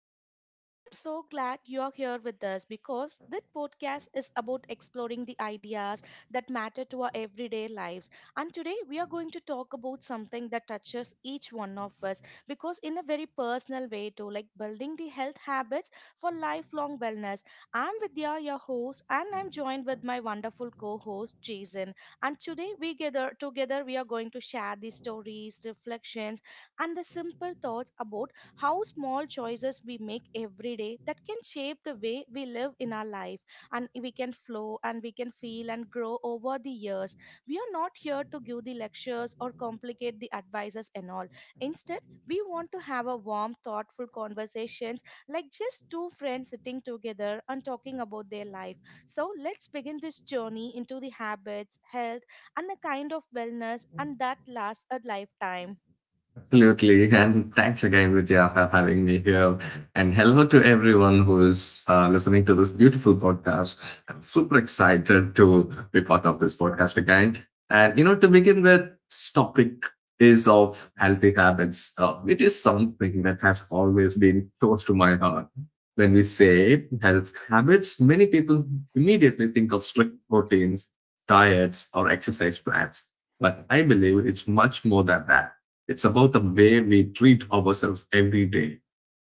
episode. I'm so glad you're here with us because this podcast is about exploring the ideas that matter to our everyday lives. And today, we are going to talk about something that touches each one of us because, in a very personal way, too, like building the health habits for lifelong wellness. I'm Vidya, your host, and I'm joined with my wonderful co host, Jason. And today, we gather together, we are going to share the stories, reflections, and the simple thoughts about how small choices we make every day that can shape the way we live in our life, and we can flow and we can feel and grow over the years. We are not here to give the lectures or complicate the advices and all. Instead, we want to have a warm thoughtful conversations, like just two friends sitting together and talking about their life. So let's begin this journey into the habits health and a kind of wellness and that lasts a lifetime. And hello to everyone who is listening to this beautiful podcast and be part of this podcast. To begin with, this topic is of healthy habits. It is something that has always been close to my heart. When we say health habits, many people immediately think of strict routines, diets, or exercise plans. But I believe it's much more than that. It's about the way we treat ourselves every day,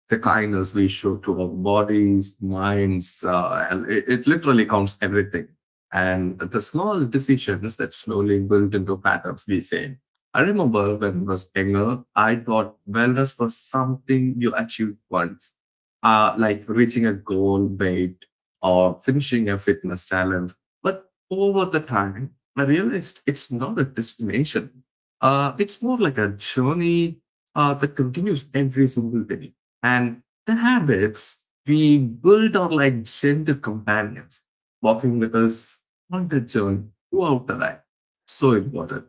the kindness we show to our bodies, minds. And it literally counts everything. And the small decisions that slowly build into patterns we say. I remember when I was younger, I thought wellness was something you achieved once, like reaching a goal weight or finishing a fitness challenge. But over the time, I realized it's not a destination. It's more like a journey that continues every single day. And the habits we build are like gentle companions, walking with us on the journey throughout the life. So important.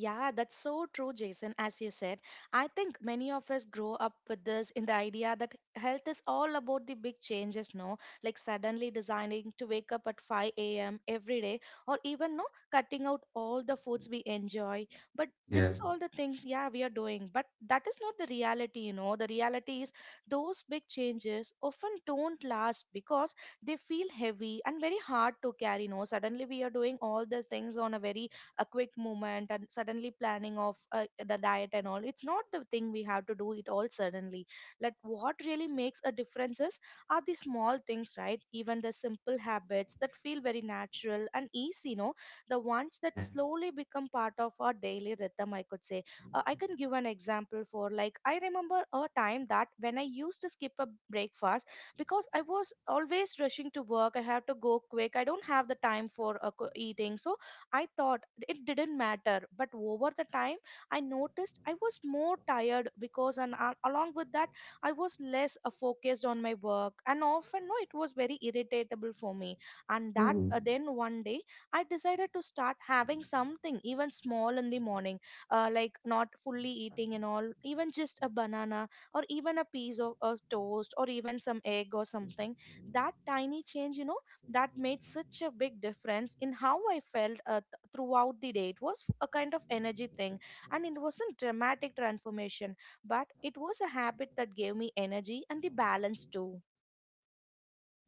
Yeah, that's so true, Jason. As you said, I think many of us grow up with this in the idea that health is all about the big changes, no? Like suddenly designing to wake up at 5 a.m. every day, or even no, cutting out all the foods we enjoy. But this Yeah. is all the things, yeah, we are doing. But that is not the reality, you know. The reality is, those big changes often don't last because they feel heavy and very hard to carry. No, suddenly we are doing all the things on a very a quick movement and suddenly planning of the diet and all. It's not the thing we have to do it all suddenly. Like what really makes a difference is, are the small things, right? Even the simple habits that feel very natural and easy, you know, the ones that slowly become part of our daily rhythm, I could say. I can give an example for, like, I remember a time that when I used to skip a breakfast because I was always rushing to work. I have to go quick, I don't have the time for eating. So I thought it didn't matter, but over the time, I noticed I was more tired because, and along with that, I was less focused on my work, and often, no, it was very irritable for me. And that then one day, I decided to start having something even small in the morning, like not fully eating and all, even just a banana or even a piece of a toast or even some egg or something. That tiny change, you know, that made such a big difference in how I felt throughout the day. It was a kind of energy thing, and it wasn't dramatic transformation, but it was a habit that gave me energy and the balance too.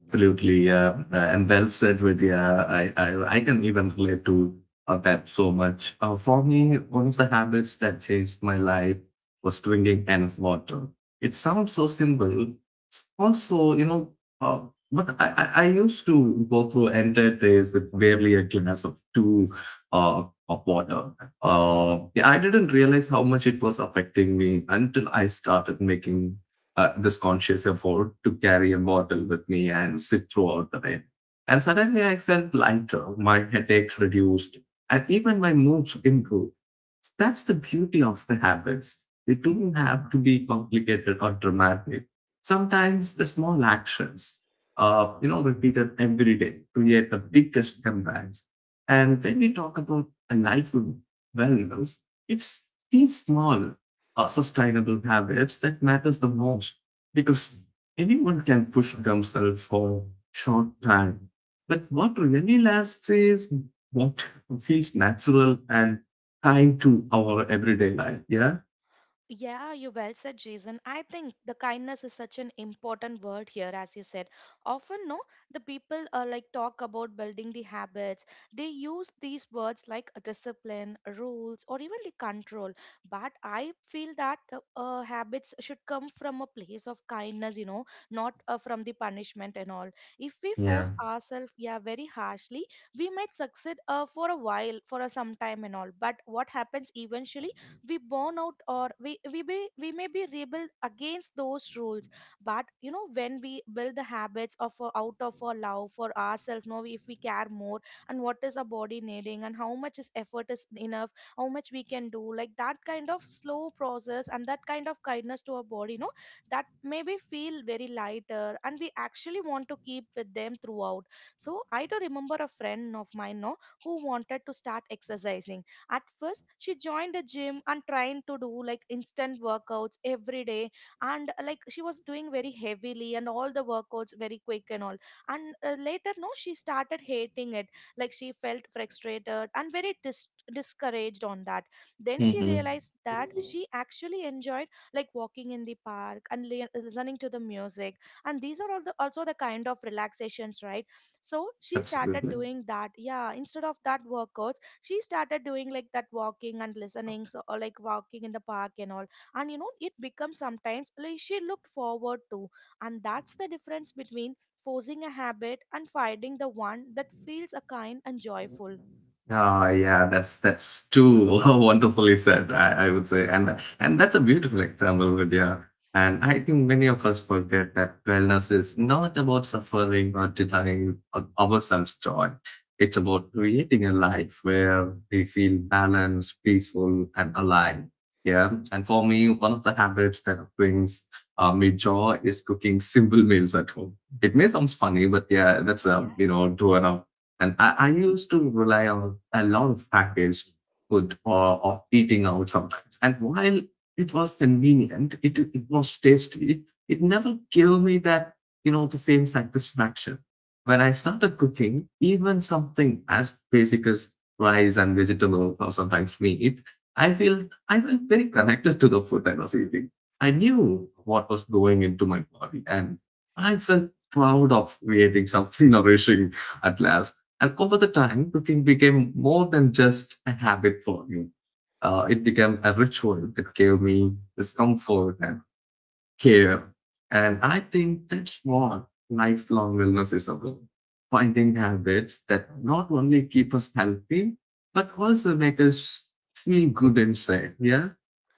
Absolutely, yeah, and well said, Vidya. I can even relate to that so much. For me, one of the habits that changed my life was drinking enough water. It sounds so simple. Also, you know, uh, but I used to go through entire days with barely a glass of two, uh, of water. Yeah, I didn't realize how much it was affecting me until I started making this conscious effort to carry a bottle with me and sip throughout the night. And suddenly I felt lighter, my headaches reduced, and even my moods improved. So that's the beauty of the habits. They don't have to be complicated or dramatic. Sometimes the small actions, you know, repeated every day, create the biggest comebacks. And when we talk about a life of wellness, it's these small, sustainable habits that matters the most because anyone can push themselves for short time, but what really lasts is what feels natural and time to our everyday life. Yeah. Yeah, you well said, Jason. I think the kindness is such an important word here, as you said. Often, no, the people like talk about building the habits. They use these words like a discipline, rules, or even the control. But I feel that the habits should come from a place of kindness, you know, not from the punishment and all. If we force Yeah. ourselves, yeah, very harshly, we might succeed for a while, for a some time and all. But what happens eventually? We burn out or we may be rebel against those rules. But you know, when we build the habits of out of our love for ourselves, know, if we care more and what is our body needing and how much is effort is enough, how much we can do, like that kind of slow process and that kind of kindness to our body, no, that maybe feel very lighter and we actually want to keep with them throughout. So I do remember a friend of mine, no, who wanted to start exercising. At first, she joined a gym and trying to do like instant workouts every day. And like she was doing very heavily and all the workouts very quick and all. And later, no, she started hating it. Like she felt frustrated and very discouraged on that. Then she Mm-hmm. realized that she actually enjoyed like walking in the park and listening to the music. And these are all the, also the kind of relaxations, right? So she started Absolutely. doing that. Yeah, instead of that workout, she started doing like that walking and listening, so or like walking in the park and all. And you know, it becomes sometimes like she looked forward to. And that's the difference between forcing a habit and finding the one that feels a kind and joyful. Oh yeah, that's too wonderfully said. I would say, and that's a beautiful example, Vidya. And I think many of us forget that wellness is not about suffering or denying ourselves joy. It's about creating a life where we feel balanced, peaceful, and aligned. Yeah, and for me, one of the habits that brings me joy is cooking simple meals at home. It may sound funny, but yeah, that's a, you Yeah. know, true enough. And I used to rely on a lot of packaged food or eating out sometimes. And while it was convenient, it was tasty, it never gave me that, you know, the same satisfaction. When I started cooking, even something as basic as rice and vegetables or sometimes meat, I felt very connected to the food I was eating. I knew what was going into my body and I felt proud of creating something nourishing at last. And over the time, cooking became more than just a habit for me. It became a ritual that gave me this comfort and care. And I think that's what lifelong wellness is about. Finding habits that not only keep us healthy, but also make us feel good inside. Yeah.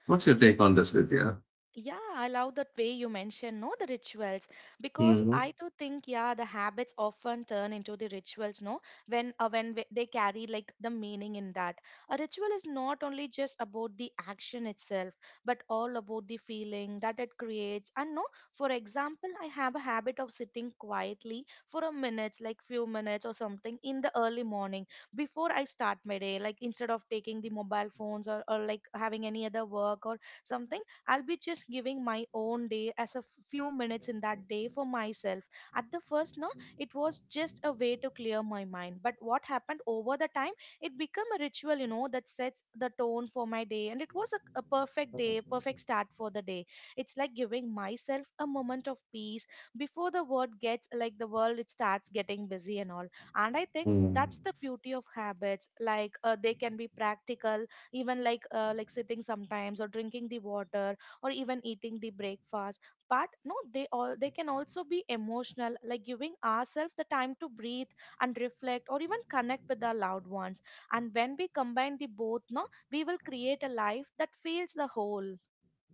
What's your take on this, Vidya? Yeah, I love that way you mention, no, the rituals, because Mhm. I do think, yeah, the habits often turn into the rituals, no, when they carry like the meaning in that. A ritual is not only just about the action itself, but all about the feeling that it creates. And no, for example, I have a habit of sitting quietly for a minute, like few minutes or something, in the early morning before I start my day, like instead of taking the mobile phones or like having any other work or something. I'll be just giving my own day as a few minutes in that day for myself. At the first, no, it was just a way to clear my mind. But what happened over the time, it became a ritual, you know, that sets the tone for my day. And it was a perfect day, perfect start for the day. It's like giving myself a moment of peace before the world gets, like, the world, it starts getting busy and all. And I think Mm. that's the beauty of habits. Like they can be practical, even like sitting sometimes or drinking the water or even eating the breakfast. But no, they all, they can also be emotional, like giving ourselves the time to breathe and reflect or even connect with our loved ones. And when we combine the both, no, we will create a life that feels the whole.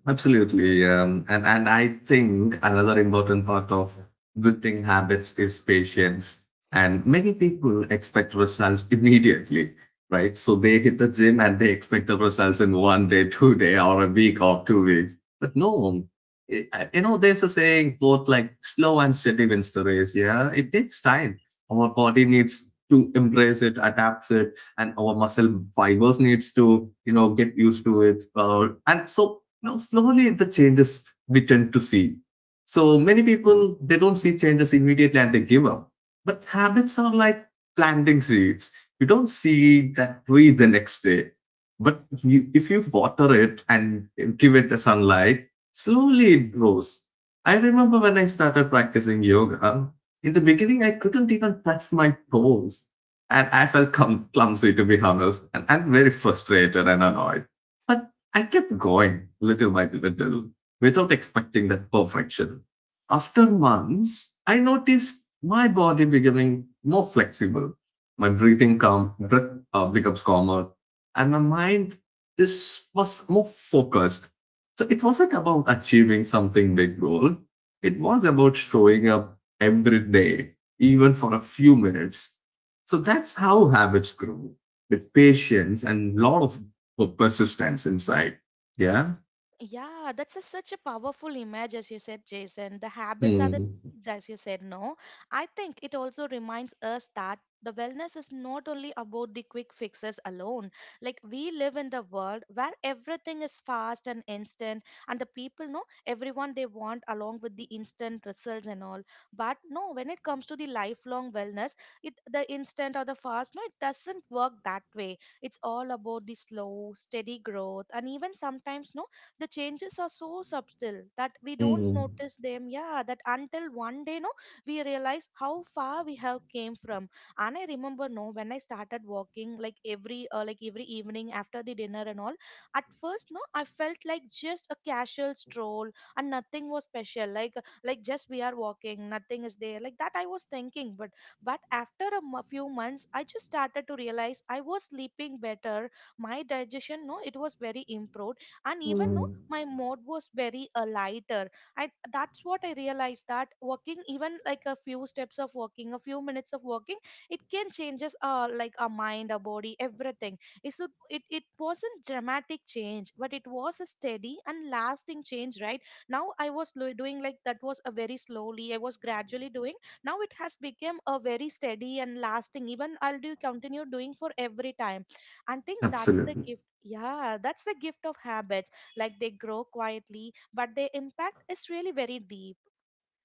Absolutely. And I think another important part of building habits is patience. And many people expect results immediately, right? So they hit the gym and they expect the results in one day, two day, or a week or two weeks. But no, you know, there's a saying both like slow and steady wins the race. Yeah, it takes time. Our body needs to embrace it, adapt it, and our muscle fibers needs to, you know, get used to it, and so now, slowly the changes we tend to see. So many people, they don't see changes immediately and they give up. But habits are like planting seeds. You don't see that tree the next day. But you, if you water it and give it the sunlight, slowly it grows. I remember when I started practicing yoga, in the beginning, I couldn't even touch my toes. And I felt clumsy, to be honest. And I'm very frustrated and annoyed. But I kept going little by little without expecting that perfection. After months, I noticed my body becoming more flexible. My breath becomes calmer, and my mind is was more focused. So it wasn't about achieving something big goal. It was about showing up every day, even for a few minutes. So that's how habits grow with patience and lot of or persistence inside. Yeah. Yeah, that's such a powerful image, as you said, Jason. The habits are the Mm. seeds, as you said, no? I think it also reminds us that the wellness is not only about the quick fixes alone. Like, we live in the world where everything is fast and instant, and the people know everyone they want along with the instant results and all. But no, when it comes to the lifelong wellness, it the instant or the fast, no, it doesn't work that way. It's all about the slow, steady growth, and even sometimes, no, the changes are so subtle that we don't Mm. notice them, yeah, that until one day, no, we realize how far we have came from. And I remember, no, when I started walking like every evening after the dinner and all. At first, no, I felt like just a casual stroll and nothing was special, like just we are walking, nothing is there like that, I was thinking. But after a few months, I just started to realize I was sleeping better, my digestion, no, it was very improved, and even, no, my mood was very lighter. I, that's what I realized, that walking even like a few steps of walking, a few minutes of walking, it can changes like our mind, our body, everything. It, should, It wasn't dramatic change, but it was a steady and lasting change, right? Now I was doing like that, was a very slowly I was gradually doing. Now it has become a very steady and lasting, even I'll do continue doing for every time. I think that's the Absolutely. gift, yeah, that's the gift of habits. Like they grow quietly, but their impact is really very deep.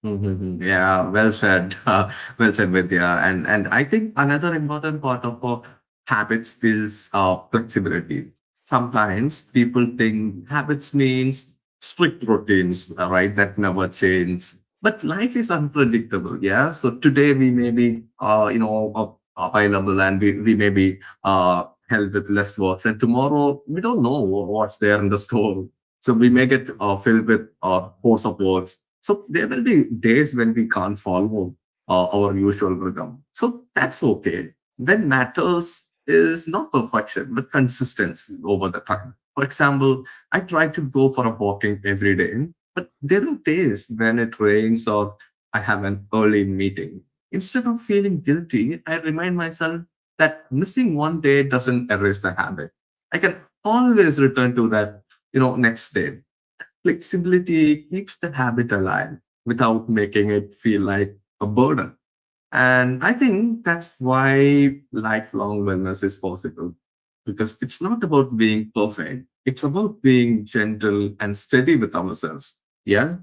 Mm-hmm. Yeah, well said. Well said, Vidya. And I think another important part of habits is flexibility. Sometimes people think habits means strict routines, right? That never change. But life is unpredictable. Yeah. So today we may be, available and we may be held with less works. And tomorrow we don't know what's there in the store. So we may get filled with force of awards. So there will be days when we can't follow our usual rhythm. So that's okay. When matters is not perfection, but consistency over the time. For example, I try to go for a walking every day, but there are days when it rains or I have an early meeting. Instead of feeling guilty, I remind myself that missing one day doesn't erase the habit. I can always return to that, you know, next day. Flexibility keeps the habit alive without making it feel like a burden. And I think that's why lifelong wellness is possible because it's not about being perfect. It's about being gentle and steady with ourselves. Yeah.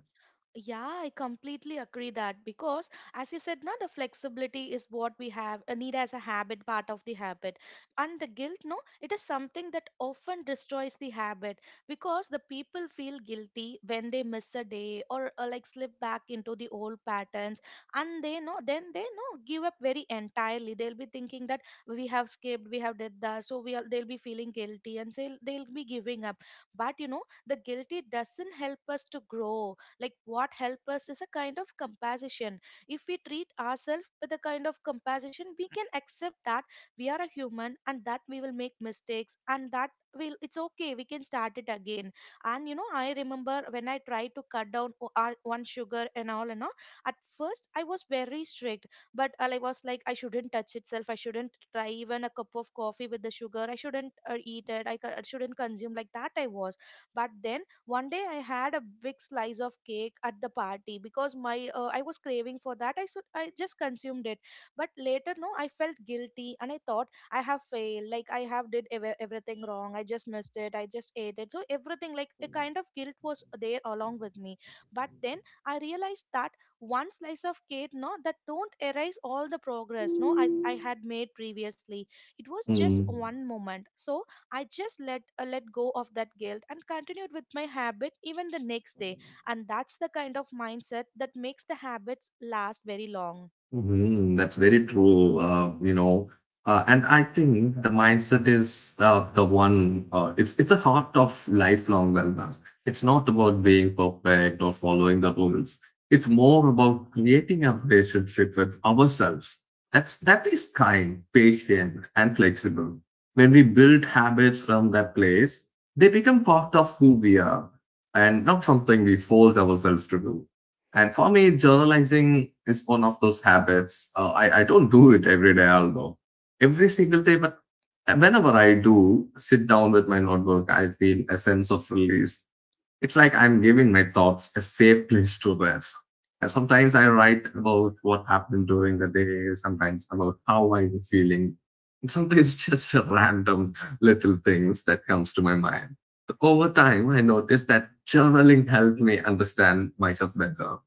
Yeah, I completely agree that because, as you said, now the flexibility is what we have a need as a habit, part of the habit, and the guilt. No, it is something that often destroys the habit because the people feel guilty when they miss a day or, like slip back into the old patterns, and they know then they know give up very entirely. They'll be thinking that we have skipped, we have did that, so we are, they'll be feeling guilty and they'll be giving up. But you know, the guilty doesn't help us to grow. Like what help us is a kind of compassion. If we treat ourselves with a kind of compassion, we can accept that we are a human and that we will make mistakes, and that will it's okay, we can start it again. And I remember when I tried to cut down one sugar and all and all. At first I was very strict, but I was like I shouldn't touch itself, I shouldn't try even a cup of coffee with the sugar, I shouldn't eat it. I shouldn't consume like that I was. But then one day I had a big slice of cake at the party because my I was craving for that. I should I just consumed it, but later no, I felt guilty and I thought I have failed, like I have did everything wrong. I just missed it. I just ate it. So everything like a kind of guilt was there along with me. But then I realized that one slice of cake, no, that don't erase all the progress, no, I had made previously. It was just Mm. one moment. So I just let let go of that guilt and continued with my habit even the next day. And that's the kind of mindset that makes the habits last very long. Mhm, that's very true. You know, and I think the mindset is the one. It's a heart of lifelong wellness. It's not about being perfect or following the rules. It's more about creating a relationship with ourselves. That is kind, patient, and flexible. When we build habits from that place, they become part of who we are, and not something we force ourselves to do. And for me, journalizing is one of those habits. I don't do it every day, although every single day, but whenever I do sit down with my notebook, I feel a sense of release. It's like I'm giving my thoughts a safe place to rest. And sometimes I write about what happened during the day, sometimes about how I'm feeling, and sometimes just a random little things that comes to my mind. So over time, I noticed that journaling helped me understand myself better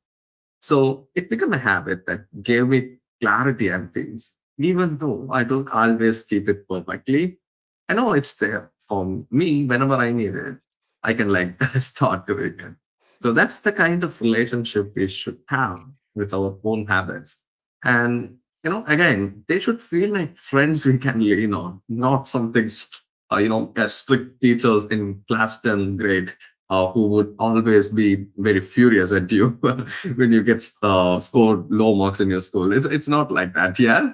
so it became a habit that gave me clarity on things, even though I don't always keep it perfectly. I know it's there for me whenever I need it. I can like start doing it. So that's the kind of relationship we should have with our own habits. And you know, again, they should feel like friends we can lean on, not something you know, as strict teachers in class 10 grade who would always be very furious at you when you get scored low marks in your school. It's not like that, yeah.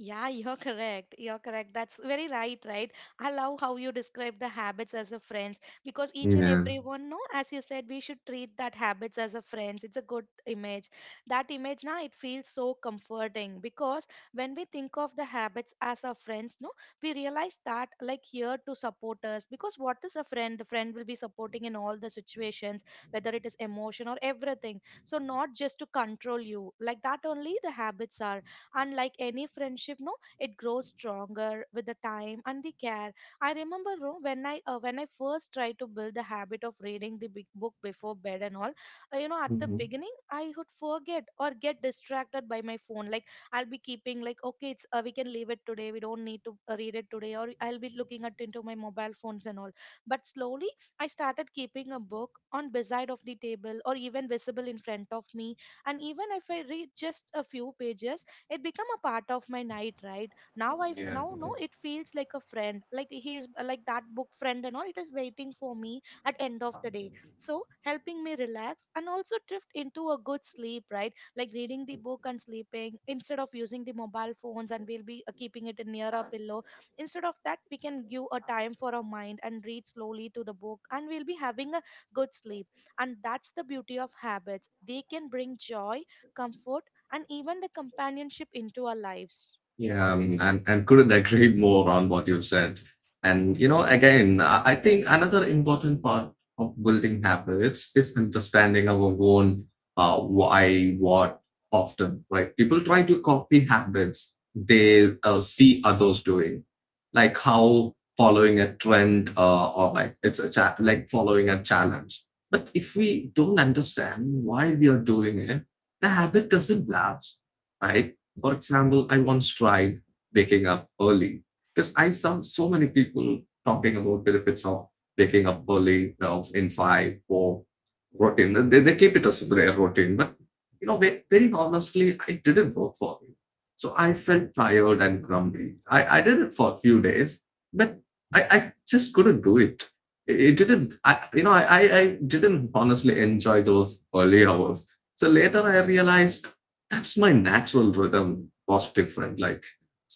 Yeah, you're correct. You're correct. That's very right, right? I love how you describe the habits as a friends, because each and Yeah. everyone, no, as you said, we should treat that habits as a friends. It's a good image. That image now it feels so comforting, because when we think of the habits as our friends, no, we realize that like here to support us. Because what is a friend? The friend will be supporting in all the situations, whether it is emotion or everything. So not just to control you. Like that only the habits are. And like any friendship, no, it grows stronger with the time and the care. I remember no, when I when I first tried to build the habit of reading the big book before bed and all. At the Hmm. beginning I would forget or get distracted by my phone. Like I'll be keeping like okay it's we can leave it today, we don't need to read it today, or I'll be looking at into my mobile phones and all. But slowly I started keeping a book on beside of the table or even visible in front of me. And even if I read just a few pages, it become a part of my night right now. I now no it feels like a friend, like he is like that book friend and all, it is waiting for me at end of the day. So helping me relax and also drift into a good sleep, right? Like reading the book and sleeping instead of using the mobile phones, and we'll be keeping it near our pillow. Instead of that we can give a time for our mind and read slowly to the book, and we'll be having a good sleep. And that's the beauty of habits. They can bring joy, comfort, and even the companionship into our lives. Yeah, and, couldn't agree more on what you said. And, you know, again, I think another important part of building habits is understanding our own why, what, often, right? People try to copy habits they see others doing, like how following a trend or like it's like following a challenge. But if we don't understand why we are doing it, the habit doesn't last, right? For example, I once tried waking up early because I saw so many people talking about benefits of waking up early, of in five, or routine. They keep it as their routine, but you know, very honestly, it didn't work for me. So I felt tired and grumpy. I did it for a few days, but I just couldn't do it. It didn't, I, you know, I didn't honestly enjoy those early hours. So later I realized that's my natural rhythm was different. Like,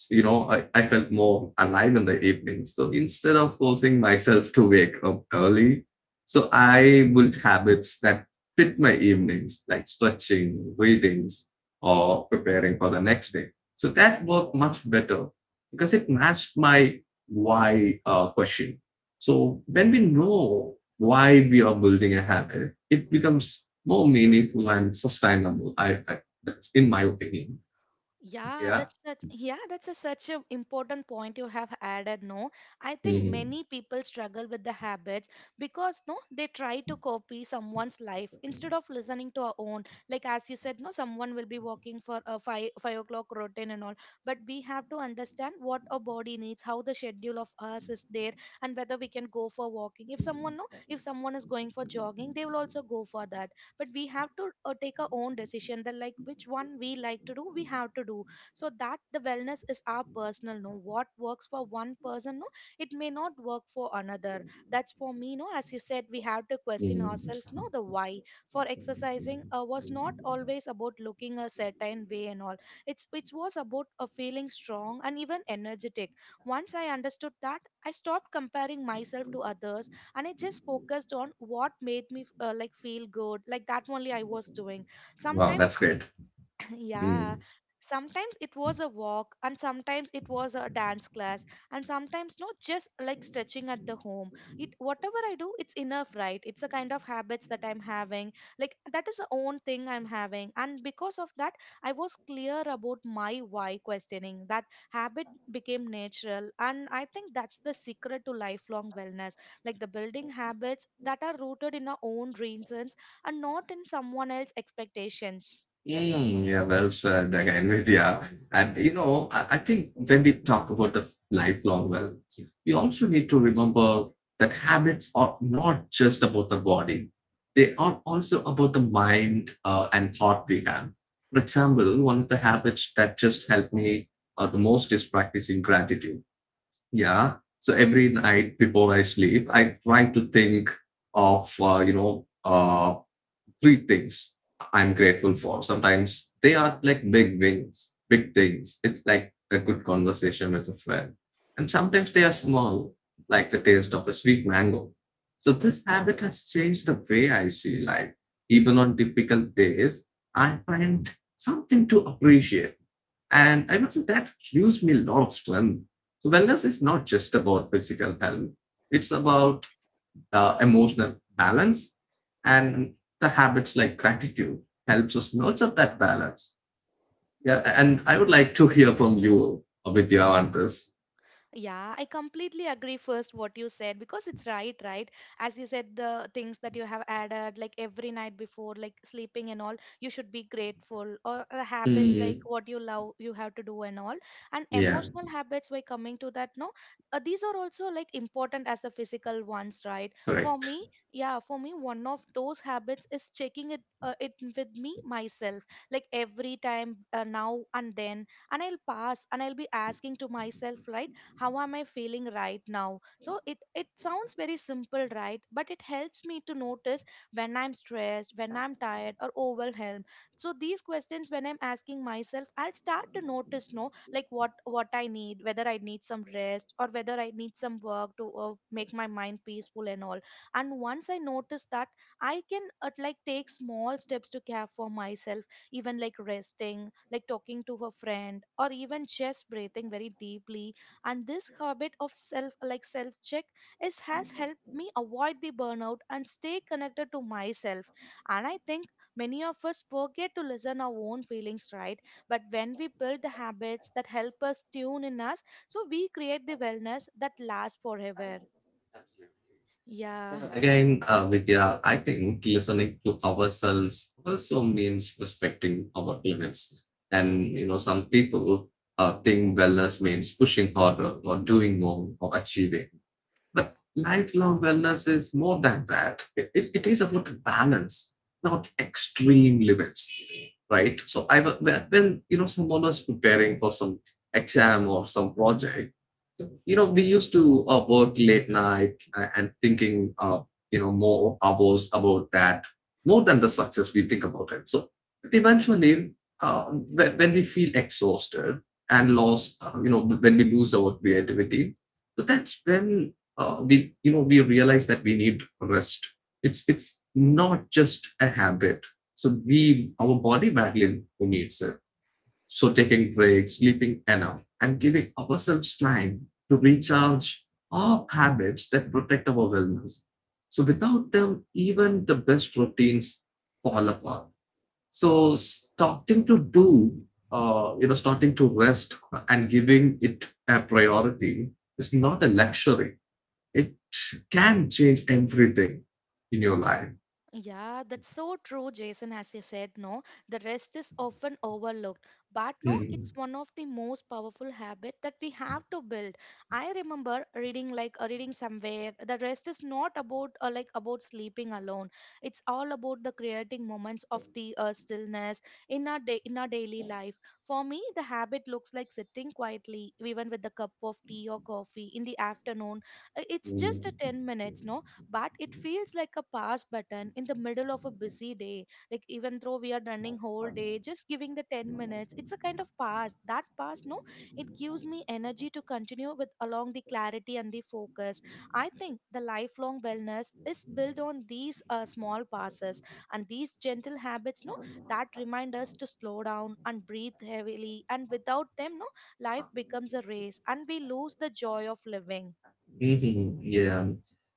you know, I felt more alive in the evening. So instead of forcing myself to wake up early, so I built habits that fit my evenings, like stretching, readings, or preparing for the next day. So that worked much better because it matched my why question. So when we know why we are building a habit, it becomes more meaningful and sustainable. I That's in my opinion. Yeah. Yeah, that's such an important point you have added, no? I think Mm, many people struggle with the habits because no they try to copy someone's life instead of listening to our own. Like as you said no someone will be walking for a five o'clock routine and all, but we have to understand what our body needs, how the schedule of us is there, and whether we can go for walking. If someone no if someone is going for jogging they will also go for that, but we have to take our own decision that like which one we like to do we have to do. So that the wellness is our personal, no, what works for one person no it may not work for another. That's for me no, as you said, we have to question mm. ourselves, no, the why. For exercising was not always about looking a certain way and all. It was about a feeling strong and even energetic. Once I understood that, I stopped comparing myself to others, and I just focused on what made me feel good. Like that only I was doing Wow, sometimes. that's great. Yeah, Mm. sometimes it was a walk, and sometimes it was a dance class, and sometimes not just like stretching at the home. It whatever I do, it's enough, right? It's a kind of habits that I'm having. Like that is the own thing I'm having, and because of that, I was clear about my why questioning. That habit became natural, and I think that's the secret to lifelong wellness. Like the building habits that are rooted in our own reasons and not in someone else's expectations. Yeah, well said again with yeah. And you know, I think when we talk about the lifelong well, we also need to remember that habits are not just about the body. They are also about the mind and thought we have. For example, one of the habits that just helped me the most is practicing gratitude. Yeah. So every night before I sleep, I try to think of three things I'm grateful for. Sometimes they are like big wins, big things. It's like a good conversation with a friend. And sometimes they are small, like the taste of a sweet mango. So this habit has changed the way I see life. Even on difficult days, I find something to appreciate. And I must say that gives me a lot of strength. So wellness is not just about physical health. It's about emotional balance and the habits like gratitude helps us nurture that balance. Yeah, and I would like to hear from you, Abhidya, on this. Yeah, I completely agree first what you said because it's right, right? As you said, the things that you have added like every night before, like sleeping and all, you should be grateful or the habits like Mm, what you love, you have to do and all. And yeah, emotional habits, by coming to that, no, these are also like important as the physical ones, right? For correct. me, yeah, for me, one of those habits is checking it, it with me myself, like every time now and then, and I'll pass and I'll be asking to myself, right? How am I feeling right now? So it sounds very simple, right? But it helps me to notice when I'm stressed, when I'm tired or overwhelmed. So these questions when I'm asking myself, I'll start to notice no like what I need, whether I need some rest or whether I need some work to make my mind peaceful and all. And once I notice that, I can take small steps to care for myself, even like resting, like talking to a friend, or even just breathing very deeply. And this habit of self check is has helped me avoid the burnout and stay connected to myself. And I think many of us forget to listen our own feelings, right? But when we build the habits that help us tune in us, so we create the wellness that lasts forever. Absolutely. Yeah. And again, Vidya, I think listening to ourselves also means respecting our limits. And you know, some people think wellness means pushing harder or doing more or achieving. But lifelong wellness is more than that. It is about balance, not extreme limits, right? So when, you know, someone was preparing for some exam or some project, so, you know, we used to work late night and thinking you know, more hours about that more than the success we think about it. So but eventually, when, we feel exhausted and lost, you know, when we lose our creativity, so that's when we, you know, we realize that we need rest. It's not just a habit, so we, our body badly needs it. So taking breaks, sleeping enough, and giving ourselves time to recharge are habits that protect our wellness. So without them, even the best routines fall apart. So starting to do, you know, starting to rest and giving it a priority is not a luxury, it can change everything in your life. Yeah, that's so true, Jason. As you said, no, the rest is often overlooked. But no, it's one of the most powerful habit that we have to build. I remember reading reading somewhere, the rest is not about about sleeping alone. It's all about the creating moments of the stillness in our day in our daily life. For me, the habit looks like sitting quietly, even with a cup of tea or coffee in the afternoon. It's just a Mm. 10 minutes, no, but it feels like a pause button in the middle of a busy day. Like even though we are running whole day, just giving the 10 minutes, it's a kind of pause. That pause, no, it gives me energy to continue with along the clarity and the focus. I think the lifelong wellness is built on these small passes and these gentle habits, no, that remind us to slow down and breathe heavily. And without them, no, life becomes a race and we lose the joy of living. Yeah.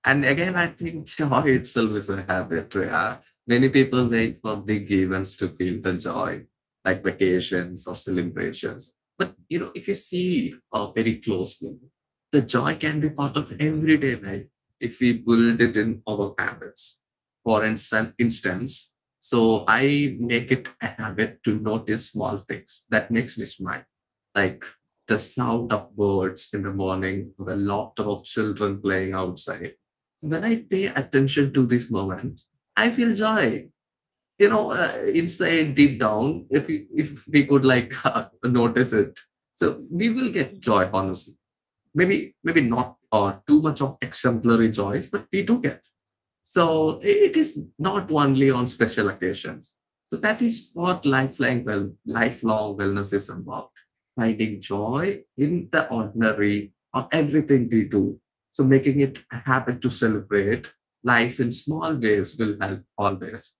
And again, I think joy itself is a habit. Yeah. Many people wait for big events to feel the joy, like vacations or celebrations. But you know, if you see very closely, the joy can be part of everyday life if we build it in our habits. For instance, so I make it a habit to notice small things that makes me smile. Like the sound of birds in the morning, the laughter of children playing outside. When I pay attention to this moment, I feel joy. You know, inside deep down, if we could like notice it, so we will get joy. Yeah, Honestly, maybe not too much of exemplary joys, but we do get. So it is not only on special occasions. So that is what lifelong, well, lifelong wellness is about, finding joy in the ordinary of everything we do. So making it a habit to celebrate life in small ways will help always.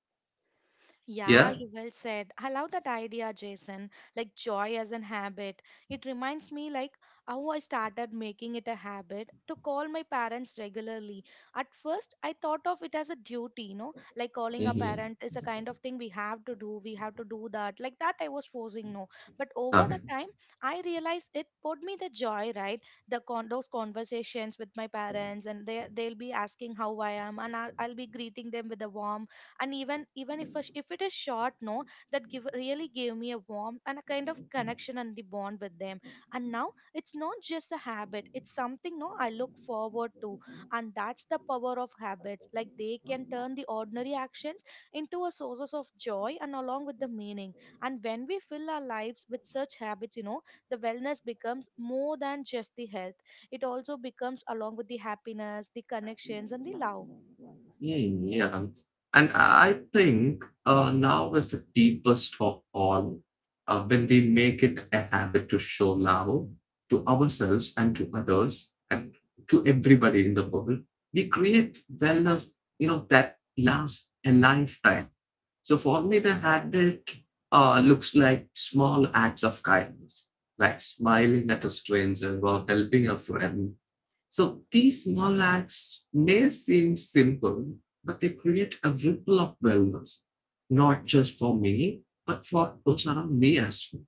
Yeah, Yeah. you well said. I love that idea, Jason. Like joy as an habit. It reminds me like how I started making it a habit to call my parents regularly. At first, I thought of it as a duty, you know, like calling a Mm-hmm. parent is a kind of thing we have to do. We have to do that. Like that, I was forcing no. But over the Okay. time, I realized it brought me the joy, right? The con those conversations with my parents, and they they'll be asking how I am, and I'll be greeting them with a warm, and even even if if it is short no, that give really gave me a warmth and a kind of connection and the bond with them. And now it's not just a habit, it's something no I look forward to. And that's the power of habits. Like they can turn the ordinary actions into a sources of joy and along with the meaning. And when we fill our lives with such habits, you know, the wellness becomes more than just the health. It also becomes along with the happiness, the connections, and the love. Hmm, yeah. And I think now is the deepest of all when we make it a habit to show love to ourselves and to others and to everybody in the world. We create wellness, you know, that lasts a lifetime. So for me, the habit looks like small acts of kindness, like smiling at a stranger or helping a friend. So these small acts may seem simple, but they create a ripple of wellness, not just for me, but for those around me as well.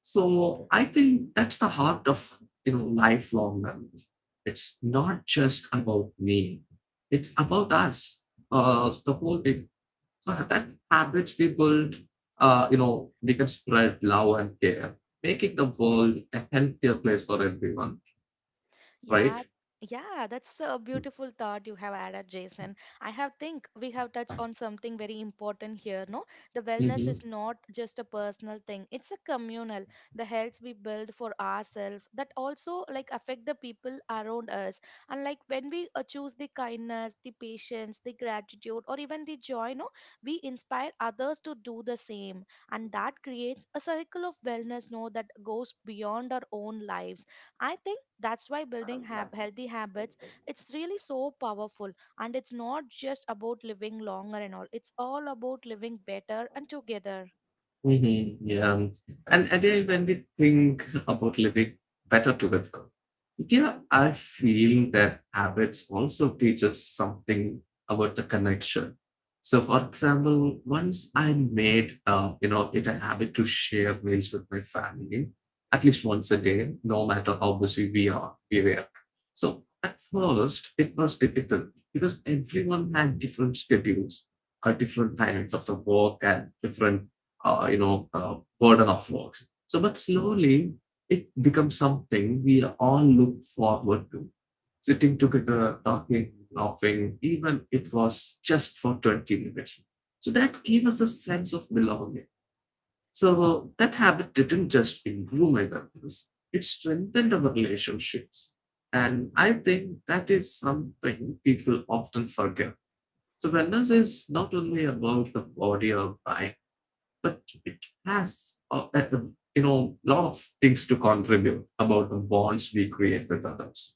So I think that's the heart of, you know, lifelong wellness. It's not just about me; it's about us, the whole thing. So that habits we build, you know, we can spread love and care, making the world a healthier place for everyone, Yeah, right? yeah, that's a beautiful thought you have added, Jason. I have think we have touched on something very important here, no? The wellness is Mhm. not just a personal thing, it's a communal. The health we build for ourselves that also like affect the people around us. And like when we choose the kindness, the patience, the gratitude, or even the joy, no, we inspire others to do the same. And that creates a cycle of wellness, no, that goes beyond our own lives. I think that's why building healthy habits, it's really so powerful, and it's not just about living longer and all. It's all about living better and together. Yeah. And then when we think about living better together, yeah, I feel that habits also teach us something about the connection. So, for example, once I made, you know, it a habit to share meals with my family at least once a day, no matter how busy we were. So, at first, it was difficult because everyone had different schedules, different times of the work, and different, burden of work. So, but slowly it becomes something we all look forward to. Sitting together, talking, laughing, even it was just for 20 minutes. So that gave us a sense of belonging. So that habit didn't just improve my wellness, it strengthened our relationships. And I think that is something people often forget. So wellness is not only about the body or mind, but it has you know, a lot of things to contribute about the bonds we create with others.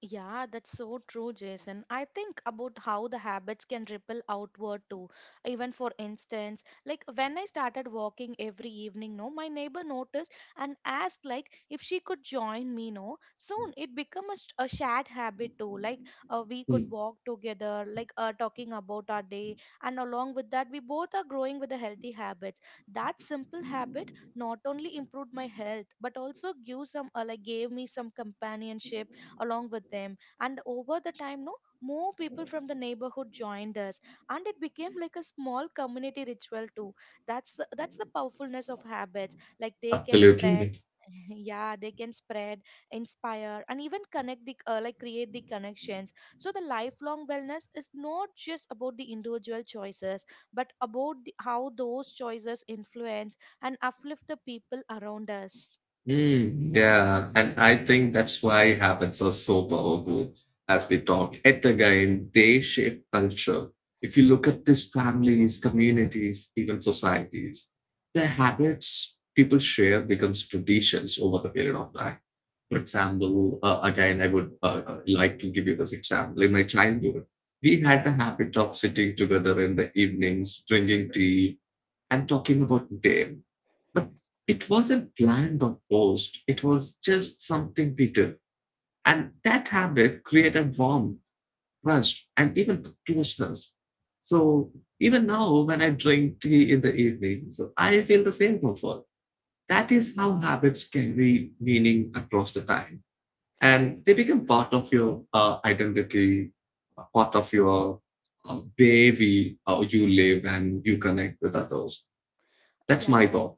Yeah, that's so true, Jason. I think about how the habits can ripple outward too. Even for instance, like when I started walking every evening, no, my neighbor noticed and asked like if she could join me, no. Soon it became a shared habit too. Like we could Hmm. walk together, like talking about our day, and along with that, we both are growing with the healthy habits. That simple habit not only improved my health but also gave some like gave me some companionship along with them. And over the time, no, more people from the neighborhood joined us, and it became like a small community ritual too. That's the powerfulness of habits. Like they can spread, Absolutely. yeah, they can spread, inspire, and even connect the like create the connections. So the lifelong wellness is not just about the individual choices, but about the, how those choices influence and uplift the people around us. Mm, yeah, and I think that's why habits are so powerful. As we talk yet again, they shape culture. If you look at these families, communities, even societies, their habits people share becomes traditions over the period of time. For example, again, I would like to give you this example. In my childhood, we had the habit of sitting together in the evenings, drinking tea, and talking about the day. But it wasn't planned or forced. It was just something we did. And that habit created warmth, trust, and even closeness. So even now, when I drink tea in the evening, so I feel the same comfort. That is how habits carry meaning across the time, and they become part of your identity, part of your way we, you live, and you connect with others. That's my Yeah. thought.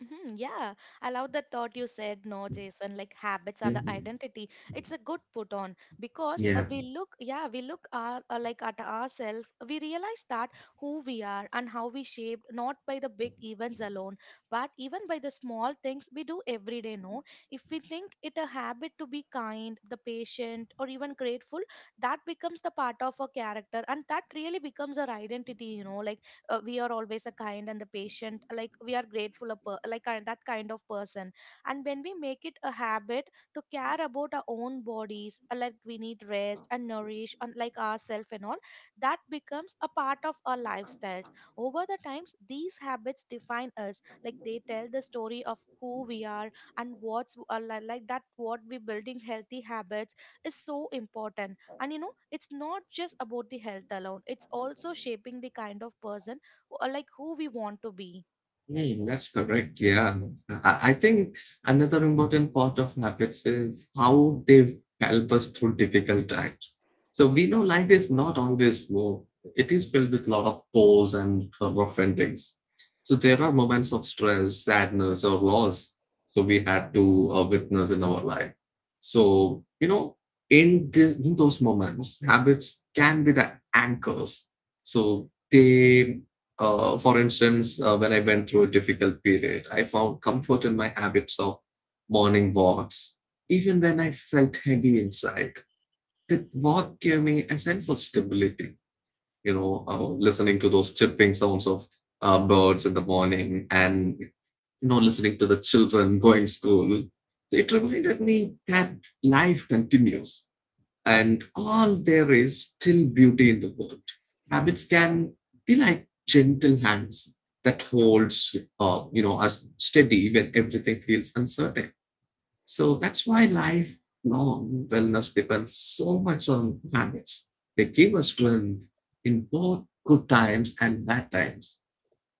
Mhm. Yeah, I love that thought you said, no, Jason, like habits are the Mhm. identity. It's a good put on because Yeah. we look, yeah, we look like at ourselves, we realize that who we are and how we shaped, not by the big events alone, but even by the small things we do every day, no? If we think it a habit to be kind, the patient, or even grateful, that becomes the part of our character and that really becomes our identity, you know, like we are always a kind and the patient, like we are grateful like kind, that kind of person, and when we make it a habit to care about our own bodies, like we need rest and nourish and like ourselves and all, that becomes a part of our lifestyles. Over the times, these habits define us, like they tell the story of who we are and what's like that what we building healthy habits is so important. And you know, it's not just about the health alone, it's also shaping the kind of person or like who we want to be. Hmm, that's correct. Yeah. I think another important part of habits is how they help us through difficult times. So we know life is not always smooth. It is filled with a lot of pause and rough endings. So there are moments of stress, sadness, or loss. So we had to witness in our life. So, you know, in those moments, habits can be the anchors. So they, for instance, when I went through a difficult period, I found comfort in my habits of morning walks. Even when I felt heavy inside, that walk gave me a sense of stability. You know, listening to those chirping sounds of birds in the morning and, you know, listening to the children going school, so it reminded me that life continues and all, there is still beauty in the world. Habits can be like gentle hands that holds, you know, us steady when everything feels uncertain. So that's why lifelong wellness depends so much on habits. They give us strength in both good times and bad times.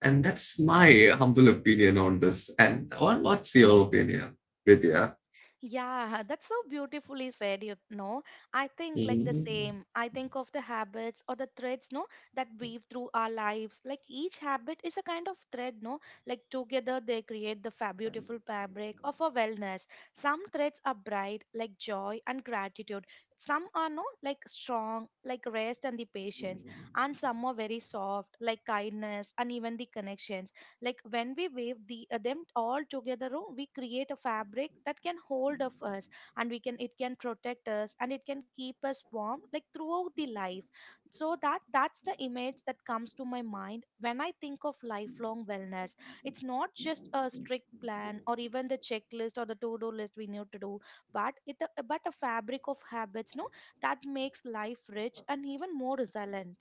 And that's my humble opinion on this. And what's your opinion, Vidya? Yeah, that's so beautifully said, you know. I think like the Mm, same. I think of the habits or the threads, no, that weave through our lives. Like each habit is a kind of thread, no? Like together they create the fa beautiful fabric of our wellness. Some threads are bright, like joy and gratitude. Some are no, like strong, like rest and the patience. And some are very soft, like kindness and even the connections, like when we wave them all together. Oh, we create a fabric that can hold of us, and we can it can protect us, and it can keep us warm like throughout the life. So that's the image that comes to my mind when I think of lifelong wellness. It's not just a strict plan or even the checklist or the to-do list we need to do, but it but a fabric of habits, no, that makes life rich and even more resilient.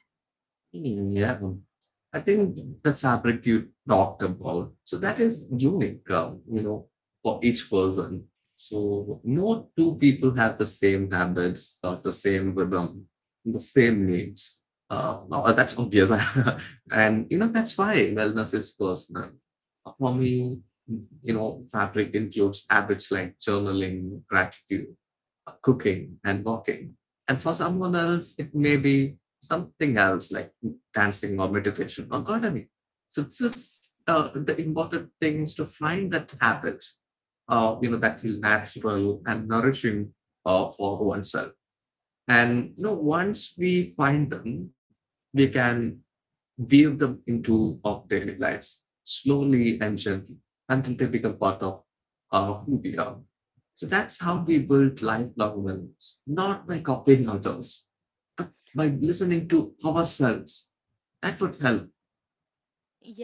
yeah. I think the fabric you talked about, so that is unique, you know, for each person. So no two people have the same habits, or the same rhythm, the same needs. No, that's obvious, and you know that's why wellness is personal. For me, you know, fabric includes habits like journaling, gratitude, cooking and walking. And for someone else, it may be something else like dancing or meditation or gardening. So this is the important thing is to find that habit, you know, that feel natural and nourishing for oneself. And you know, once we find them, we can weave them into our daily lives slowly and gently until they become part of who we are. So that's how we build lifelong wellness, not by copying others, but by listening to ourselves. That would help.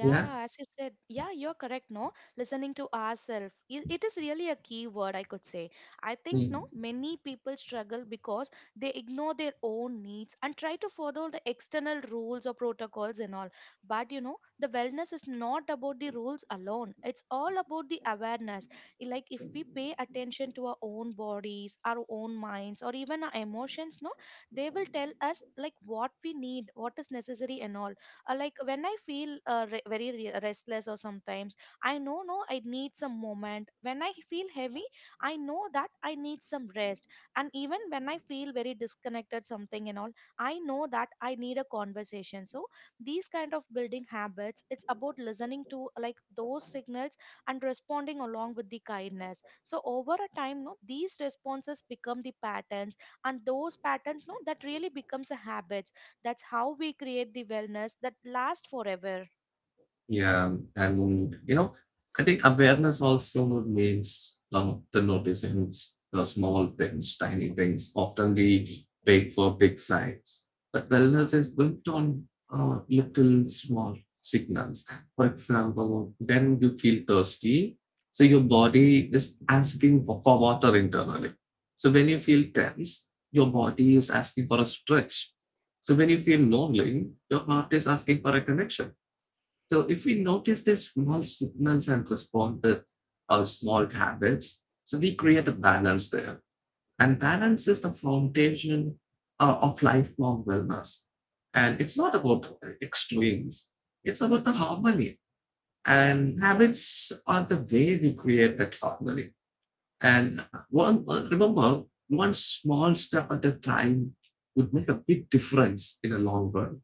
Yeah. as you said, yeah, you're correct. No, listening to ourselves, it is really a key word, I could say. I think, no, Mm. many people struggle because they ignore their own needs and try to follow the external rules or protocols and all. But you know, the wellness is not about the rules alone, it's all about the awareness. Like, if we pay attention to our own bodies, our own minds, or even our emotions, no, they will tell us like what we need, what is necessary, and all. Like when I feel restless, or sometimes I know, no, I need some moment. When I feel heavy, I know that I need some rest. And even when I feel very disconnected something and all, I know that I need a conversation. So these kind of building habits, it's about listening to like those signals and responding along with the kindness. So over a time, no, these responses become the patterns, and those patterns, no, that really becomes a habit. That's how we create the wellness that lasts forever. Yeah, and you know, I think awareness also means lot the noticing the small things, tiny things. Often we wait for big signs, but wellness is built on little small signals. For example, when you feel thirsty, so your body is asking for water internally. So when you feel tense, your body is asking for a stretch. So when you feel lonely, your heart is asking for a connection. So if we notice these small signals and respond with our small habits, so we create a balance there. And balance is the foundation of lifelong wellness. And it's not about extremes, it's about the harmony. And habits are the way we create that harmony. And one remember, one small step at a time would make a big difference in the long run.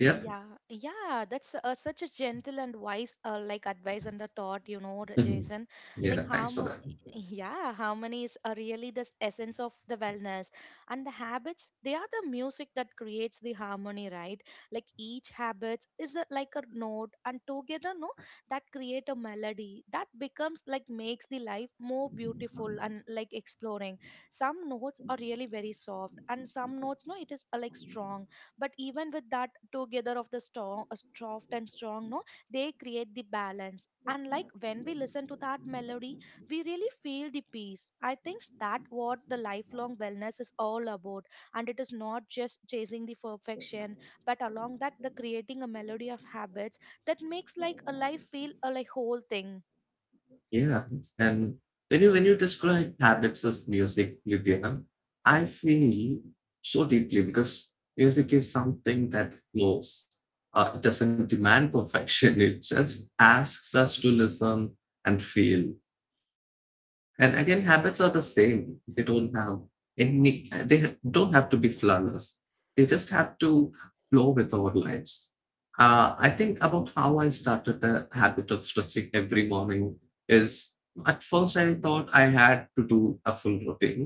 Yep. Yeah, yeah, that's such a gentle and wise, like advice and the thought, you know, Jason. Like yeah, thanks for how, that. yeah, harmony is really the essence of the wellness, and the habits, they are the music that creates the harmony, right? Like each habit is a, like a note, and together, no, that create a melody that becomes like makes the life more beautiful and like exploring. Some notes are really very soft, and some notes, no, it is like strong. But even with that together of the strong soft and strong, no, they create the balance. And like when we listen to that melody, we really feel the peace. I think that what the lifelong wellness is all about. And it is not just chasing the perfection, but along that the creating a melody of habits that makes like a life feel a like whole thing. Yeah, and when you describe habits as music, Lydia, I feel so deeply because music is something that flows. It doesn't demand perfection. It just asks us to listen and feel. And again, habits are the same. They don't have to be flawless. They just have to flow with our lives. I think about how I started the habit of stretching every morning is at first I thought I had to do a full routine,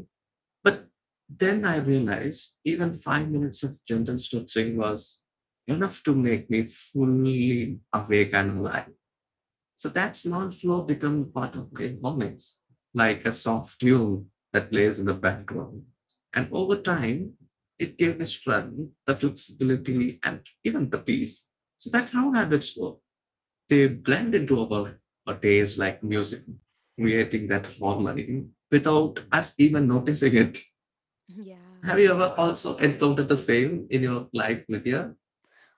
but then I realized even 5 minutes of gentle stretching was enough to make me fully awake and alive. So that small flow becomes part of great moments, like a soft tune that plays in the background. And over time, it gave the strength, the flexibility, and even the peace. So that's how habits work. They blend into our days like music, creating that harmony without us even noticing it. Yeah. Have you ever also encountered the same in your life, Nithya?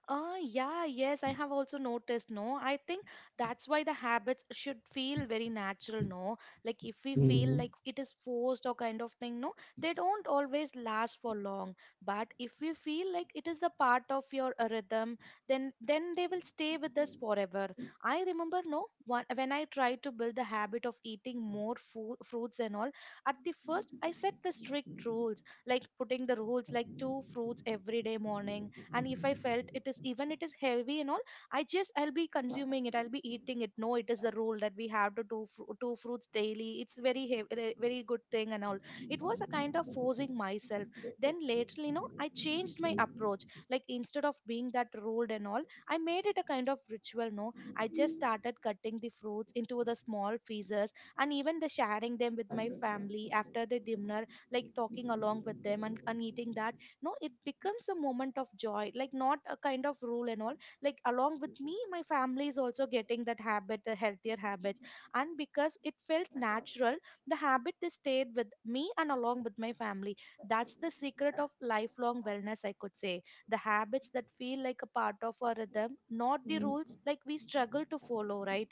Ah, yeah, yes, I have also noticed. No, I think that's why the habits should feel very natural. No, like if we feel like Mm-hmm. it is forced or kind of thing, no, they don't always last for long. But if we feel like it is a part of your rhythm, then they will stay with us forever. I remember, no, one when I tried to build the habit of eating more food, fruits and all. At the first, I set the strict rules, like putting the rules like two fruits every day morning. And if I felt it is even it is heavy and all, I just I'll be eating it. No, it is the rule that we have to do two fruits daily, it's very heavy, very good thing and all. It was a kind of forcing myself. Then later, you know, I changed my approach. Like instead of being that ruled and all, I made it a kind of ritual, no. I just started cutting the fruits into the small pieces, and even the sharing them with my family after the dinner, like talking along with them and eating that. No, it becomes a moment of joy, like not a kind of rule and all. Like along with me, my family is also getting that habit, the healthier habits. And because it felt natural, the habit, they stayed with me and along with my family. That's the secret of lifelong wellness, I could say. The habits that feel like a part of our rhythm, not the rules like we struggle to follow, right?